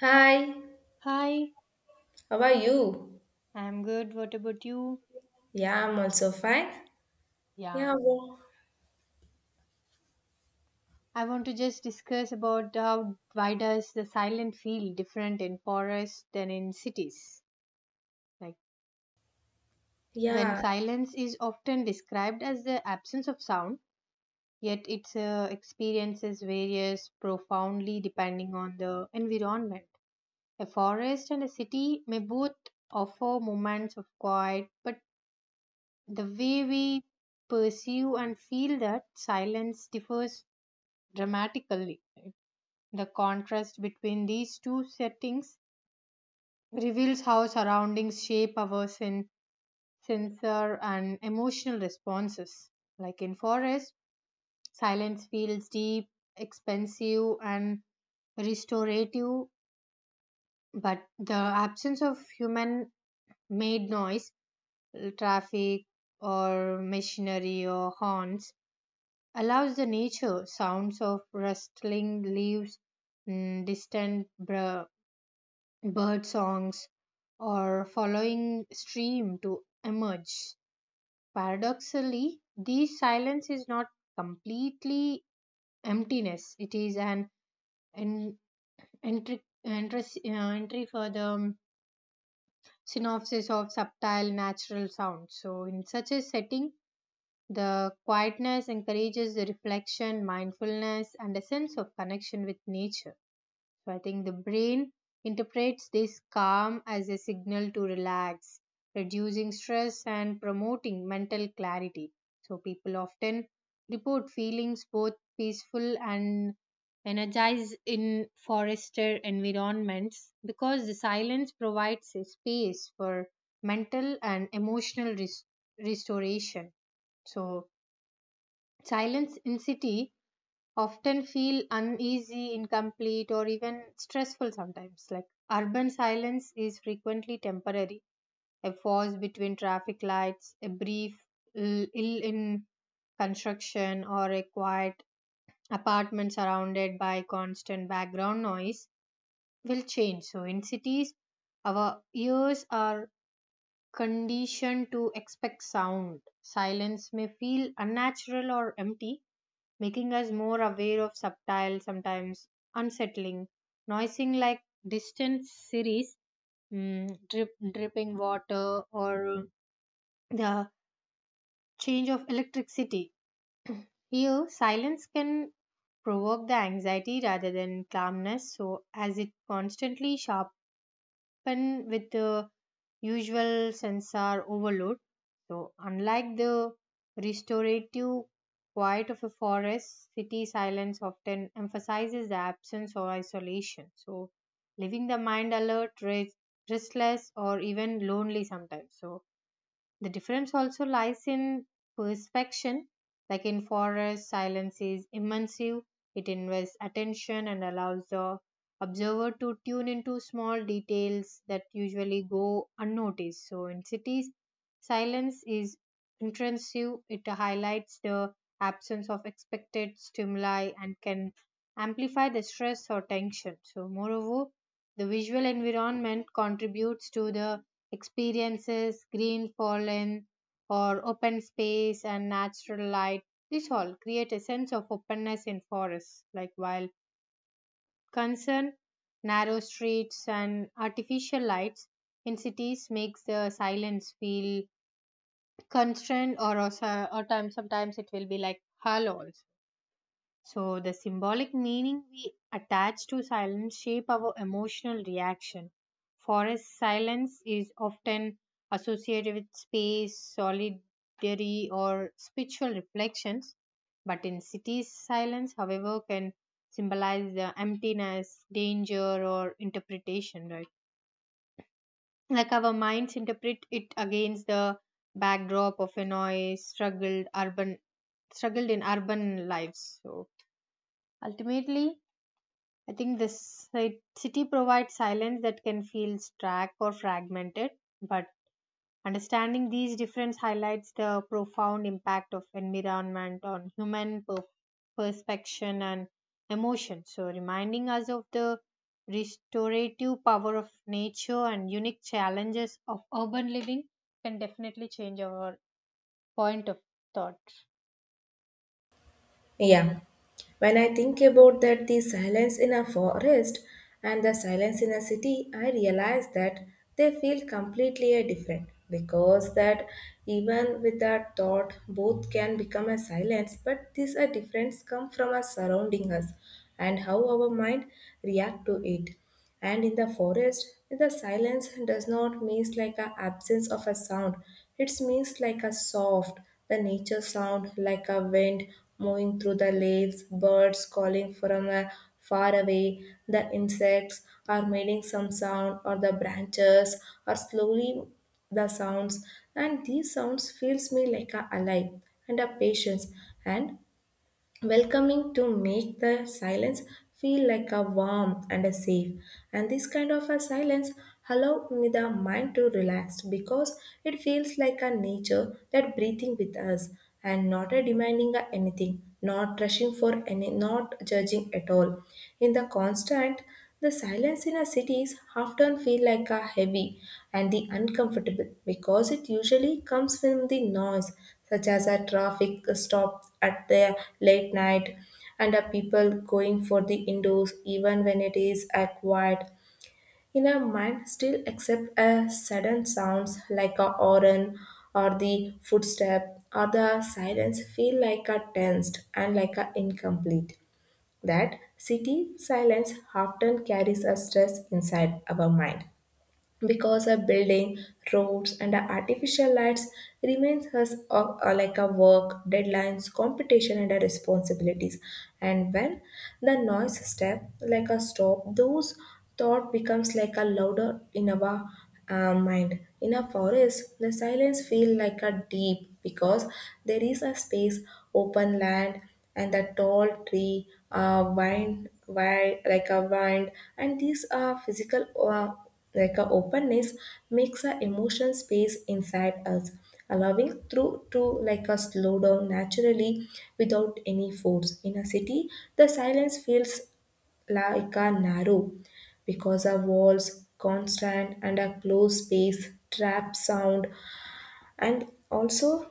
Hi, Hi, how are you? I'm good. What about you? Yeah, I'm also fine. Yeah, Yeah, I want to just discuss about how why does the silent feel different in forests than in cities? Like when yeah, silence is often described as the absence of sound, yet its experiences varies profoundly depending on the environment. A forest and a city may both offer moments of quiet, but the way we perceive and feel that silence differs dramatically. The contrast between these two settings reveals how surroundings shape our sensor and emotional responses. Like in forest, silence feels deep, expensive, and restorative, but the absence of human made noise, traffic, or machinery or horns allows the nature sounds of rustling leaves, mm, distant br- bird songs, or following stream to emerge. Paradoxically, this silence is not completely emptiness, it is an en- entry for the synopsis of subtle natural sound. So, in such a setting, the quietness encourages the reflection, mindfulness, and a sense of connection with nature. So I think the brain interprets this calm as a signal to relax, reducing stress and promoting mental clarity. So people often report feelings both peaceful and energized in forested environments because the silence provides a space for mental and emotional restoration. So silence in city often feel uneasy, incomplete, or even stressful sometimes. Like urban silence is frequently temporary, a pause between traffic lights, a brief ill in construction, or a quiet apartment surrounded by constant background noise will change. So, in cities, our ears are conditioned to expect sound. Silence may feel unnatural or empty, making us more aware of subtle, sometimes unsettling, noising like distant series, dripping water, or the change of electricity. Here, silence can provoke the anxiety rather than calmness, so as it constantly sharp happen with the usual sensor overload. So, unlike the restorative quiet of a forest, city silence often emphasizes the absence or isolation. So, leaving the mind alert, restless, or even lonely sometimes. So, the difference also lies in perspection. Like in forest, silence is immersive. It invests attention and allows the observer to tune into small details that usually go unnoticed. So in cities, silence is intrusive. It highlights the absence of expected stimuli and can amplify the stress or tension. So moreover, the visual environment contributes to the experiences, green pollen, or open space and natural light. This all create a sense of openness in forests. Like while concern, narrow streets and artificial lights in cities makes the silence feel constrained or also, or time, sometimes it will be like hollow also. So, the symbolic meaning we attach to silence shape our emotional reaction. Forest silence is often associated with space, solitary, or spiritual reflections. But in cities, silence, however, can symbolize the emptiness, danger, or interpretation, right? Like our minds interpret it against the backdrop of a noise, struggled urban, struggled in urban lives. So ultimately, I think this city provides silence that can feel stark or fragmented, but understanding these differences highlights the profound impact of environment on human perception and emotion. So, reminding us of the restorative power of nature and unique challenges of urban living can definitely change our point of thought. yeah. When I think about that, the silence in a forest and the silence in a city, I realize that they feel completely different because that even with that thought, both can become a silence, but these are difference come from us surrounding us and how our mind react to it. And in the forest, the silence does not means like a absence of a sound. It means like a soft, the nature sound like a wind moving through the leaves, birds calling from a far away, the insects are making some sound, or the branches are slowly the sounds. And these sounds feels me like a alive and a patience and welcoming, to make the silence feel like a warm and a safe. And this kind of a silence allow me the mind to relax because it feels like a nature that breathing with us and not a demanding a anything, not rushing for any, not judging at all. In the constant, the silence in our cities often feel like a heavy and the uncomfortable because it usually comes from the noise, such as a traffic stop at the late night and a people going for the indoors even when it is a quiet. In our mind still accept a sudden sounds like a horn or the footstep, or the silence feel like a tensed and like a incomplete. That city silence often carries a stress inside our mind because a building, roads, and artificial lights remains us like a work, deadlines, competition, and a responsibilities. And when the noise step like a stop, those thought becomes like a louder in our mind. In a forest, the silence feel like a deep because there is a space, open land, and the tall tree, wind, wind like a wind, and these are physical. Like a openness makes a emotion space inside us, allowing through to like a slow down naturally without any force. In a city, the silence feels like a narrow because our walls, constant and a closed space, trap sound and also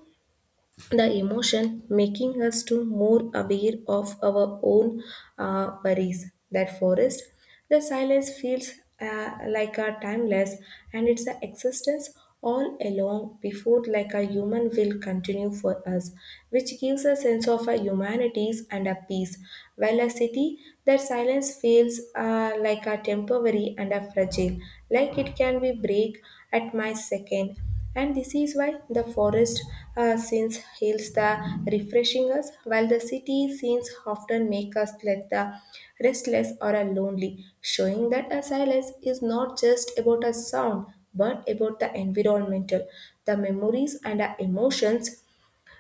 the emotion making us to more aware of our own worries. That forest the silence feels like a timeless and it's an existence all along before like a human will continue for us, which gives a sense of a humanities and a peace, while a city that silence feels like a temporary and a fragile, like it can be break at my second. And this is why the forest scenes heals the refreshing us, while the city scenes often make us let the restless or a lonely, showing that a silence is not just about a sound but about the environmental, the memories and the emotions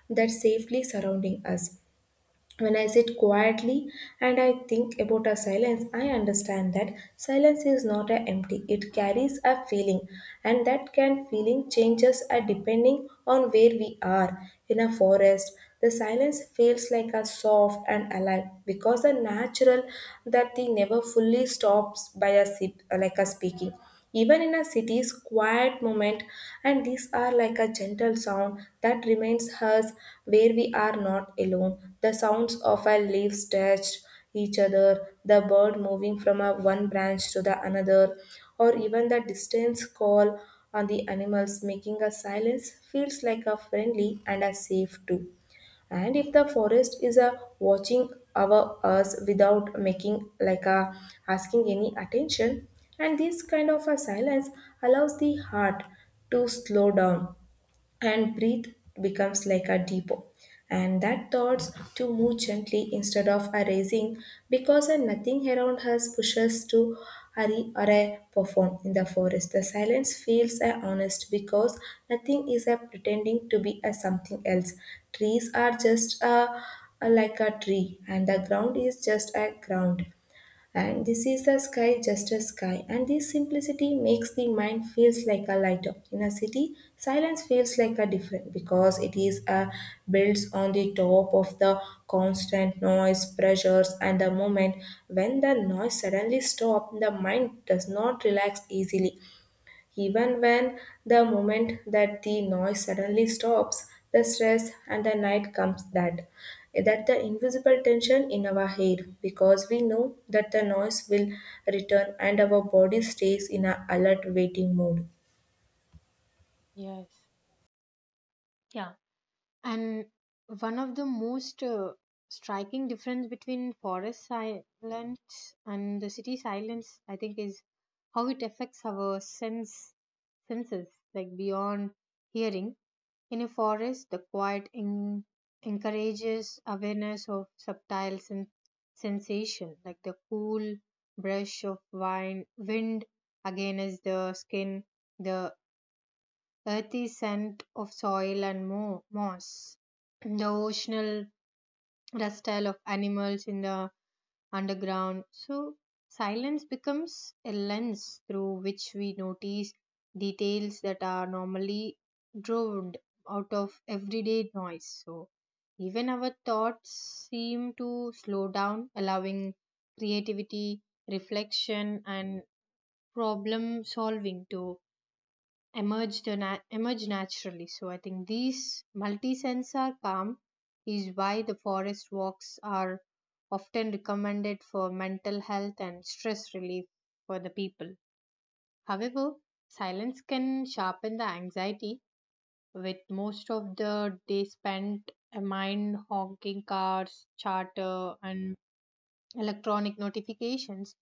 that safely surrounding us. When I sit quietly and I think about a silence, I understand that silence is not a empty. It carries a feeling, and that can feeling changes are depending on where we are. In a forest, the silence feels like a soft and alive because the natural that they never fully stops by a sip, like a speaking. Even in a city's quiet moment, and these are like a gentle sound that reminds us where we are not alone. The sounds of our leaves touched each other, the bird moving from a one branch to the another, or even the distant call on the animals making a silence feels like a friendly and a safe too. And if the forest is a watching over us without making like a asking any attention, and this kind of a silence allows the heart to slow down and breathe becomes like a depot, and that thoughts to move gently instead of arising because a nothing around us pushes to hurry or a perform. In the forest, the silence feels a honest because nothing is a pretending to be a something else. Trees are just a like a tree, and the ground is just a ground, and this is the sky just a sky, and this simplicity makes the mind feels like a lighter. In a city silence feels like a different because it is a builds on the top of the constant noise pressures. And the moment when the noise suddenly stop, the mind does not relax easily. Even when the moment that the noise suddenly stops, the stress and the night comes that that the invisible tension in our hair because we know that the noise will return and our body stays in a alert waiting mode. Yes. Yeah. And one of the most striking difference between forest silence and the city silence, I think, is how it affects our senses, like beyond hearing. In a forest, the quiet encourages awareness of subtle sensation, like the cool brush of wind against the skin, the earthy scent of soil and moss, the oceanal rustle of animals in the underground. So, silence becomes a lens through which we notice details that are normally drowned out of everyday noise. So, even our thoughts seem to slow down, allowing creativity, reflection, and problem solving to emerge naturally. So I think these multi-sensor calm is why the forest walks are often recommended for mental health and stress relief for the people. However, silence can sharpen the anxiety with most of the day spent amid honking cars, chatter and electronic notifications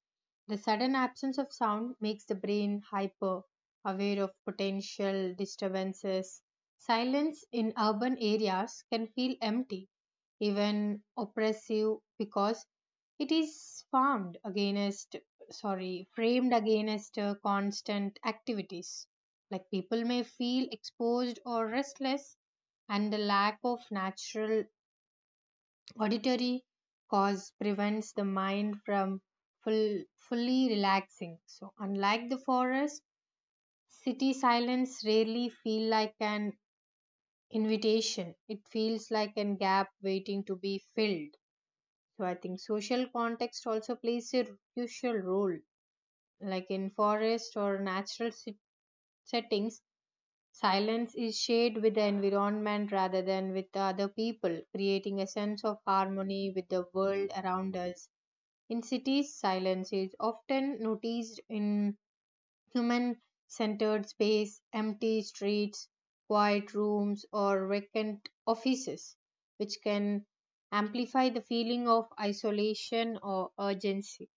the sudden absence of sound makes the brain hyper aware of potential disturbances. Silence in urban areas can feel empty, even oppressive, because it is framed against constant activities. Like people may feel exposed or restless, and the lack of natural auditory pause prevents the mind from fully relaxing. So, unlike the forest, city silence rarely feels like an invitation. It feels like a gap waiting to be filled. So, I think social context also plays a crucial role. Like in forest or natural settings, silence is shared with the environment rather than with the other people, creating a sense of harmony with the world around us. In cities, silence is often noticed in human centered space, empty streets, quiet rooms, or vacant offices, which can amplify the feeling of isolation or urgency.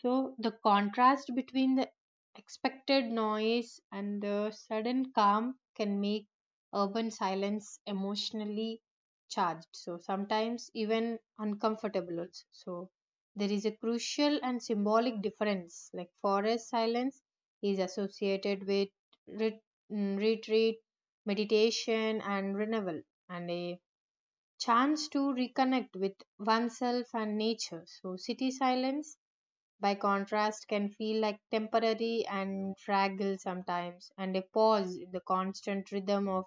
So the contrast between the expected noise and the sudden calm can make urban silence emotionally charged. So sometimes even uncomfortable. Also. So there is a crucial and symbolic difference. Like forest silence is associated with ret- retreat, meditation, and renewal, and a chance to reconnect with oneself and nature. So city silence by contrast, can feel like temporary and fragile sometimes, and a pause in the constant rhythm of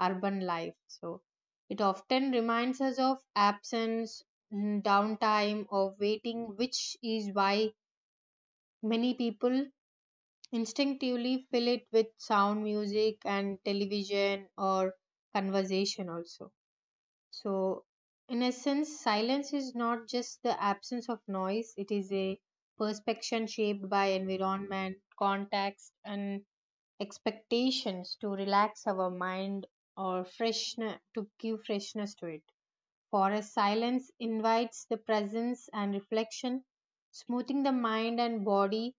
urban life. So, it often reminds us of absence, downtime, or waiting, which is why many people instinctively fill it with sound music and television or conversation also. So, in essence, silence is not just the absence of noise, it is a perception shaped by environment, context, and expectations to relax our mind or freshen to give freshness to it. For us, silence invites the presence and reflection, smoothing the mind and body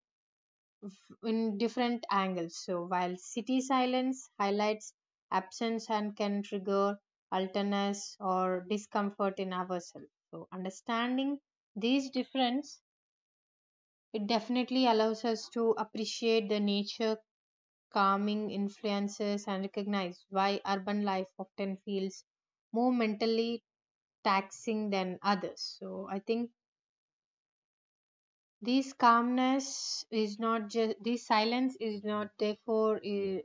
in different angles. So while city silence highlights absence and can trigger alterness or discomfort in ourselves. So understanding these difference, it definitely allows us to appreciate the nature calming influences and recognize why urban life often feels more mentally taxing than others. So I think this calmness is not just this silence is not therefore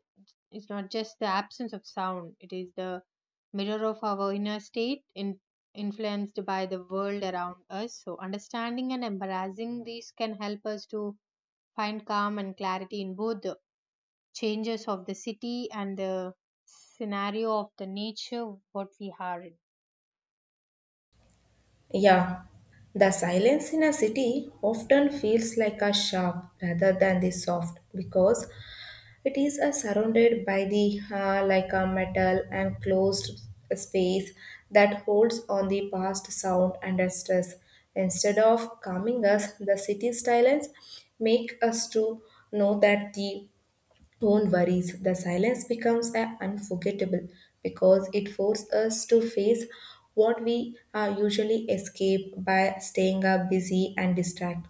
is not just the absence of sound. It is the mirror of our inner state, influenced by the world around us. So understanding and embracing these can help us to find calm and clarity in both the changes of the city and the scenario of the nature what we are in. Yeah, the silence in a city often feels like a sharp rather than the soft because it is surrounded by the like a metal and closed space that holds on the past sound under stress. Instead of calming us, the city silence make us to know that the don't worry, the silence becomes a unforgettable because it forces us to face what we usually escape by staying up busy and distracted.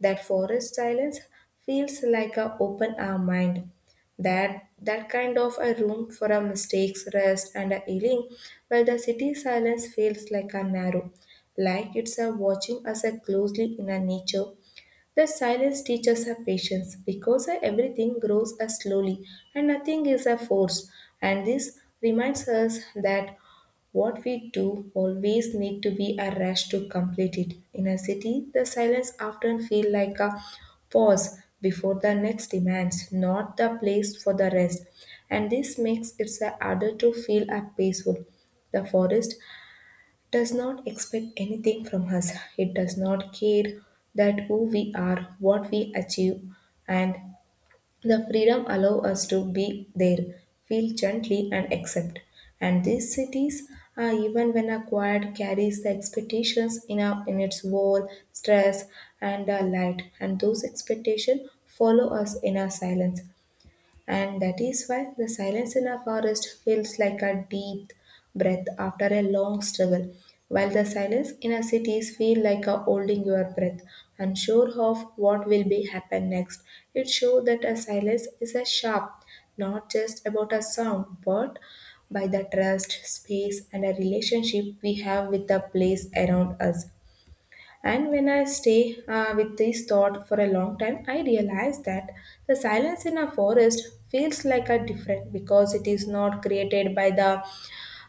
That forest silence feels like a open our mind. That that kind of a room for a mistakes, rest and a healing, while the city silence feels like a narrow, like it's a watching us a closely. In a nature the silence teaches us patience because everything grows as slowly and nothing is a force. And this reminds us that what we do always need to be a rush to complete it. In a city, the silence often feels like a pause before the next demands, not the place for the rest. And this makes it harder to feel a peaceful. The forest does not expect anything from us. It does not care that who we are, what we achieve, and the freedom allow us to be there, feel gently and accept. And these cities are even when acquired carries the expectations in our in its war, stress and our light, and those expectations follow us in our silence. And that is why the silence in a forest feels like a deep breath after a long struggle, while the silence in our cities feel like a holding your breath, unsure of what will be happen next. It shows that a silence is a sharp, not just about a sound, but by the trust, space, and a relationship we have with the place around us. And when I stay with this thought for a long time, I realize that the silence in a forest feels like a different because it is not created by the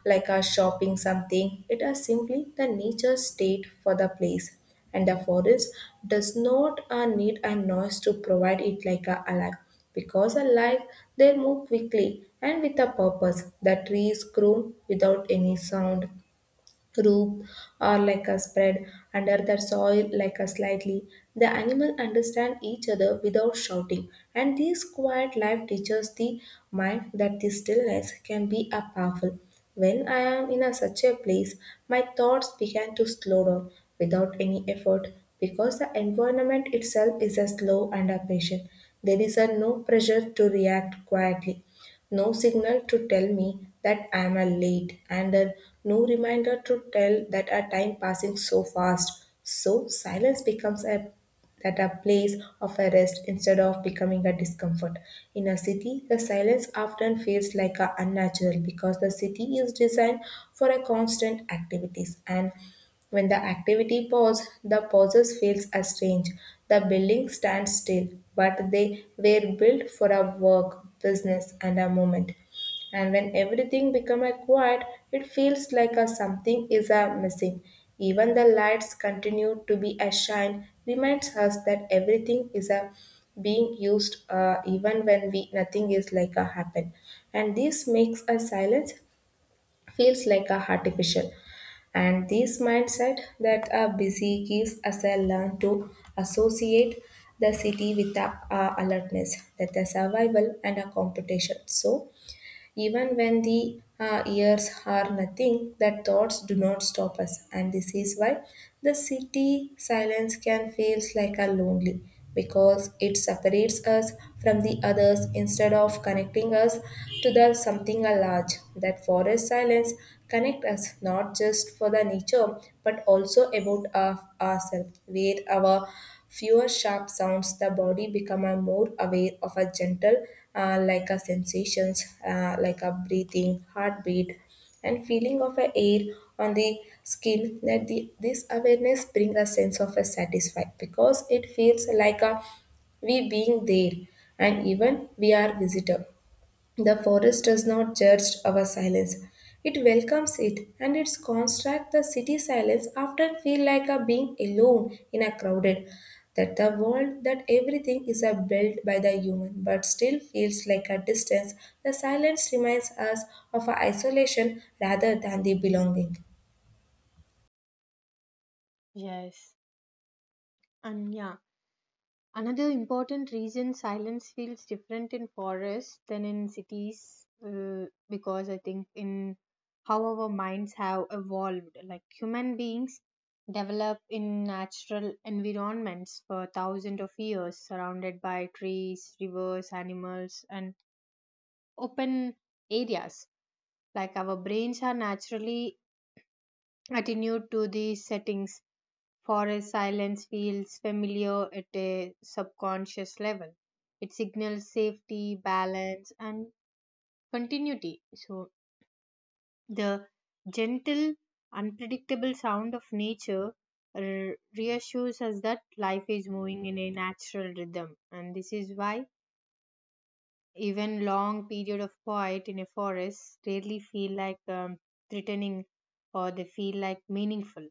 like a shopping something. It is simply the nature state for the place, and the forest does not need a noise to provide it like a alive because alive they move quickly and with a purpose. The trees grow without any sound rope or like a spread under the soil like a slightly. The animal understand each other without shouting, and this quiet life teaches the mind that the stillness can be a powerful. When I am in a such a place, my thoughts began to slow down without any effort because the environment itself is a slow and a patient. There is a no pressure to react quietly, no signal to tell me that I am late, and no reminder to tell that our time passing so fast. So silence becomes a that a place of a rest instead of becoming a discomfort. In a city, the silence often feels like a unnatural because the city is designed for a constant activities. And when the activity pause, the pauses feels as strange. The building stands still, but they were built for a work, business and a moment. And when everything becomes quiet, it feels like a something is a missing. Even the lights continue to be a shine reminds us that everything is a being used even when we nothing is like a happen. And this makes a silence feels like a artificial, and this mindset that a busy gives us a learn to associate the city with a alertness that the survival and a competition. So even when the ears are nothing, that thoughts do not stop us. And this is why the city silence can feels like a lonely because it separates us from the others instead of connecting us to the something large. That forest silence connect us not just for the nature but also about ourselves, where our fewer sharp sounds, the body become a more aware of a gentle, like a sensations, like a breathing, heartbeat, and feeling of a air on the skin. That this awareness bring a sense of a satisfied because it feels like a we being there and even we are visitor, the forest does not judge our silence. It welcomes it, and its construct, the city silence, often feel like a being alone in a crowded. That the world, that everything is a built by the human, but still feels like a distance. The silence reminds us of our isolation rather than the belonging. Yes, and yeah. Another important reason silence feels different in forests than in cities, because I think in how our minds have evolved, like human beings develop in natural environments for thousands of years, surrounded by trees, rivers, animals, and open areas. Like our brains are naturally attuned to these settings. Forest silence feels familiar at a subconscious level. It signals safety, balance, and continuity. So, the gentle, unpredictable sound of nature reassures us that life is moving in a natural rhythm. And this is why even long period of quiet in a forest rarely feel like threatening or they feel like meaningful,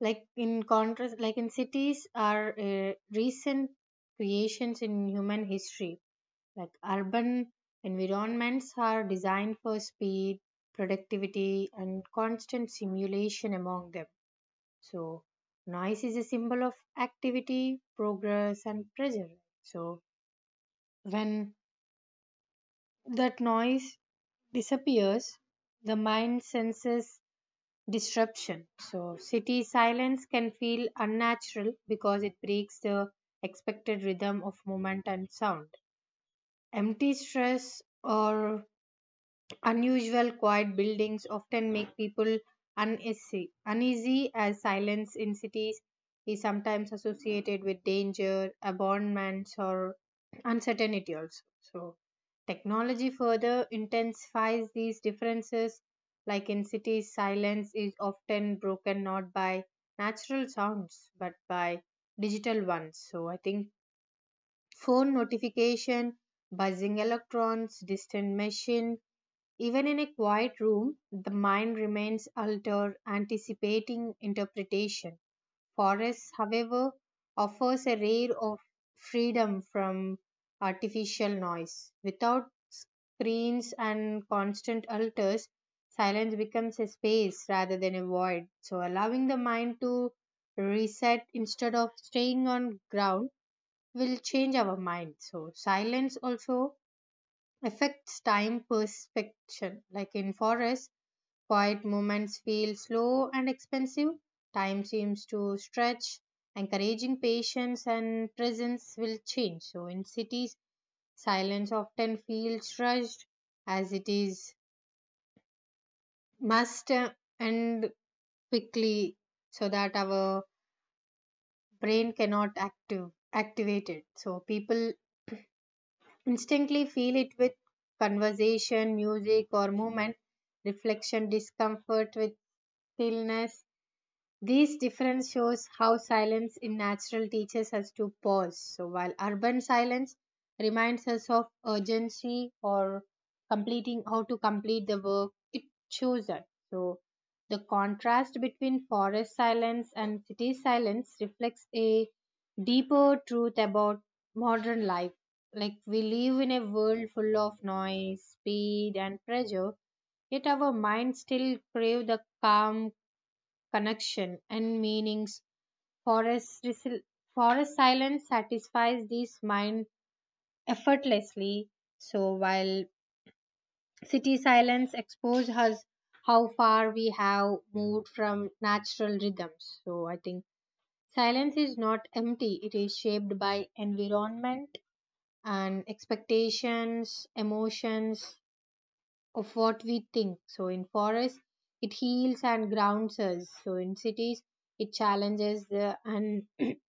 like in contrast like in cities are recent creations in human history, like urban environments are designed for speed, productivity and constant simulation among them. So noise is a symbol of activity progress and pressure. So when that noise disappears, the mind senses disruption. So, city silence can feel unnatural because it breaks the expected rhythm of movement and sound. Empty stress or unusual quiet buildings often make people uneasy as silence in cities is sometimes associated with danger, abandonments, or uncertainty also. So, technology further intensifies these differences. Like in cities, silence is often broken not by natural sounds but by digital ones. So, I think phone notification, buzzing electrons, distant machine, even in a quiet room, the mind remains altered, anticipating interpretation. Forest, however, offers a rare of freedom from artificial noise. Without screens and constant altars, silence becomes a space rather than a void. So, allowing the mind to reset instead of staying on ground will change our mind. So, silence also affects time perception. Like in forests, quiet moments feel slow and expensive. Time seems to stretch. Encouraging patience and presence will change. So in cities, silence often feels rushed as it is must end quickly so that our brain cannot active activate it. So people instantly feel it with conversation, music, or movement, reflection, discomfort with stillness, these difference shows how silence in natural teaches us to pause. So while urban silence reminds us of urgency or completing how to complete the work, it shows us. So the contrast between forest silence and city silence reflects a deeper truth about modern life. Like we live in a world full of noise, speed and pressure, yet our minds still crave the calm connection, and meanings. Forest, forest silence satisfies this mind effortlessly. So while city silence exposes us how far we have moved from natural rhythms. So I think silence is not empty. It is shaped by environment and expectations, emotions, of what we think. So in forests, it heals and grounds us. So in cities, it challenges the and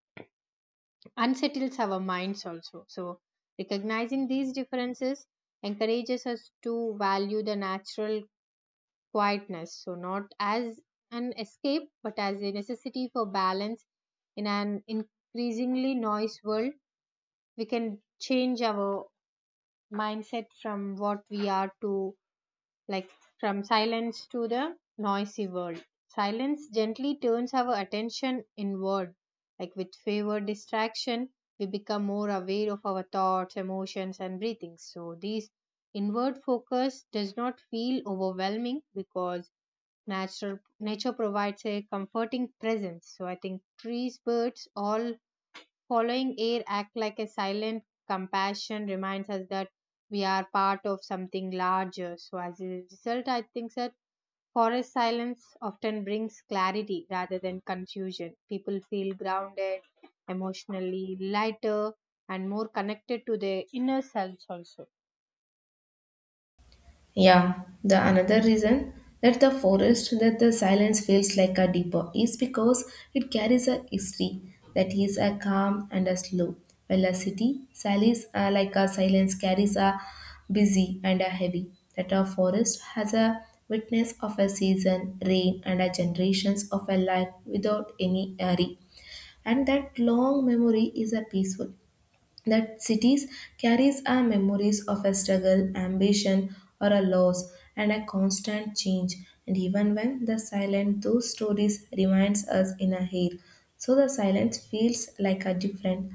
unsettles our minds also. So recognizing these differences encourages us to value the natural quietness. So not as an escape, but as a necessity for balance in an increasingly noise world. We can change our mindset from what we are to like from silence to the noisy world. Silence gently turns our attention inward. Like with favored distraction, we become more aware of our thoughts, emotions, and breathing. So, this inward focus does not feel overwhelming because nature provides a comforting presence. So, I think trees, birds, all following air act like a silent compassion reminds us that we are part of something larger. So as a result, I think that forest silence often brings clarity rather than confusion. People feel grounded, emotionally lighter, and more connected to their inner selves also. Yeah, the another reason that the forest that the silence feels like a deeper is because it carries a history that is a calm and a slow, while a city silence like a silence carries a busy and a heavy. That a forest has a witness of a season, rain, and a generations of a life without any hurry, and that long memory is a peaceful that cities carries our memories of a struggle, ambition, or a loss, and a constant change. And even when the silent, those stories reminds us in a hair. So the silence feels like a different,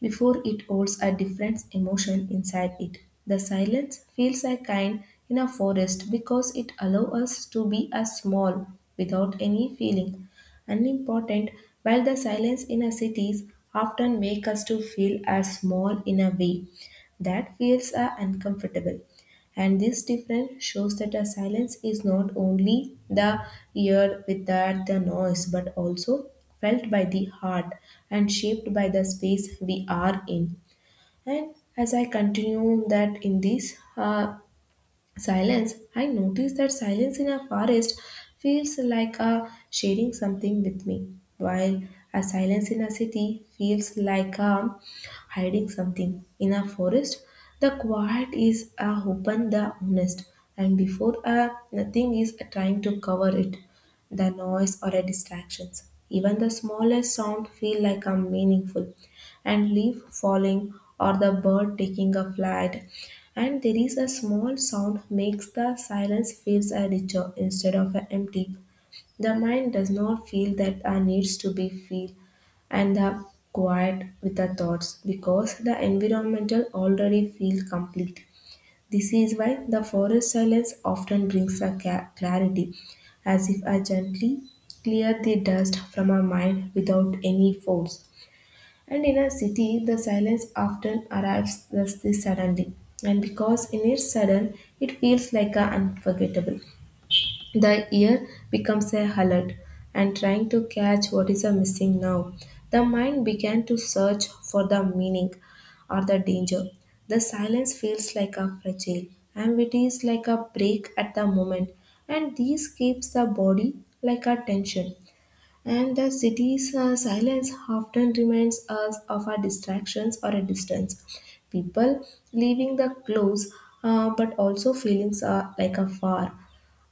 before it holds a different emotion inside it. The silence feels like kind in a forest because it allows us to be as small without any feeling. Unimportant, while the silence in a cities often make us to feel as small in a way that feels uncomfortable. And this difference shows that a silence is not only the ear without the noise, but also felt by the heart and shaped by the space we are in. And as I continue that in this, silence. I notice that silence in a forest feels like a sharing something with me, while a silence in a city feels like a hiding something. In a forest, the quiet is a open, the honest, and before a nothing is a trying to cover it, the noise or a distractions. Even the smallest sound feel like a meaningful, and leaf falling or the bird taking a flight, and there is a small sound makes the silence feels a richer instead of a empty. The mind does not feel that a needs to be feel and the quiet with the thoughts because the environmental already feel complete. This is why the forest silence often brings a clarity, as if I gently clear the dust from our mind without any force. And in a city, the silence often arrives thus this suddenly, and because in its sudden, it feels like a unforgettable. The ear becomes a alert and trying to catch what is a missing now. The mind began to search for the meaning or the danger. The silence feels like a fragile, and it is like a break at the moment, and this keeps the body like a tension. And the city's silence often reminds us of our distractions or a distance. People leaving the close, but also feelings are like afar,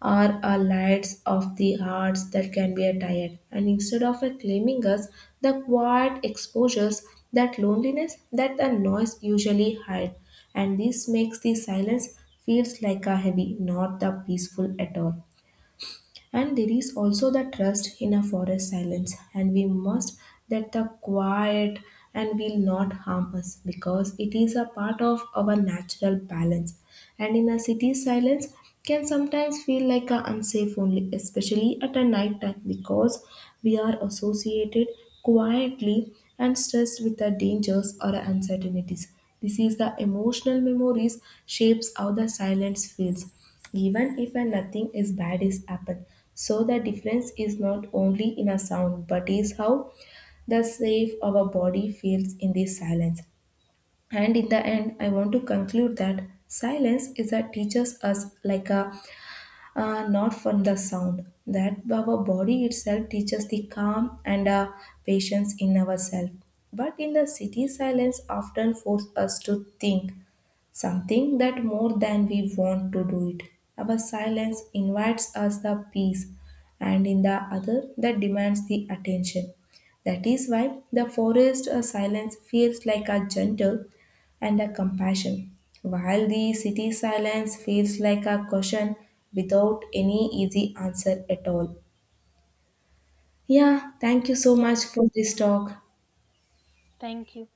are our lights of the hearts that can be a tired. And instead of a claiming us, the quiet exposures that loneliness that the noise usually hide, and this makes the silence feels like a heavy, not the peaceful at all. And there is also the trust in a forest silence, and we must that the quiet and will not harm us because it is a part of our natural balance. And in a city, silence can sometimes feel like a unsafe only, especially at a night time, because we are associated quietly and stressed with the dangers or uncertainties. This is the emotional memories shapes how the silence feels, even if a nothing is bad is happen. So the difference is not only in a sound, but is how the safe our body feels in this silence. And in the end, I want to conclude that silence is a teaches us like a, not from the sound, that our body itself teaches the calm and patience in ourselves. But in the city, silence often forces us to think something that more than we want to do it. Our silence invites us the peace, and in the other, that demands the attention. That is why the forest silence feels like a gentle and a compassion, while the city silence feels like a caution without any easy answer at all. Yeah, thank you so Yeah, much for this talk. thank you.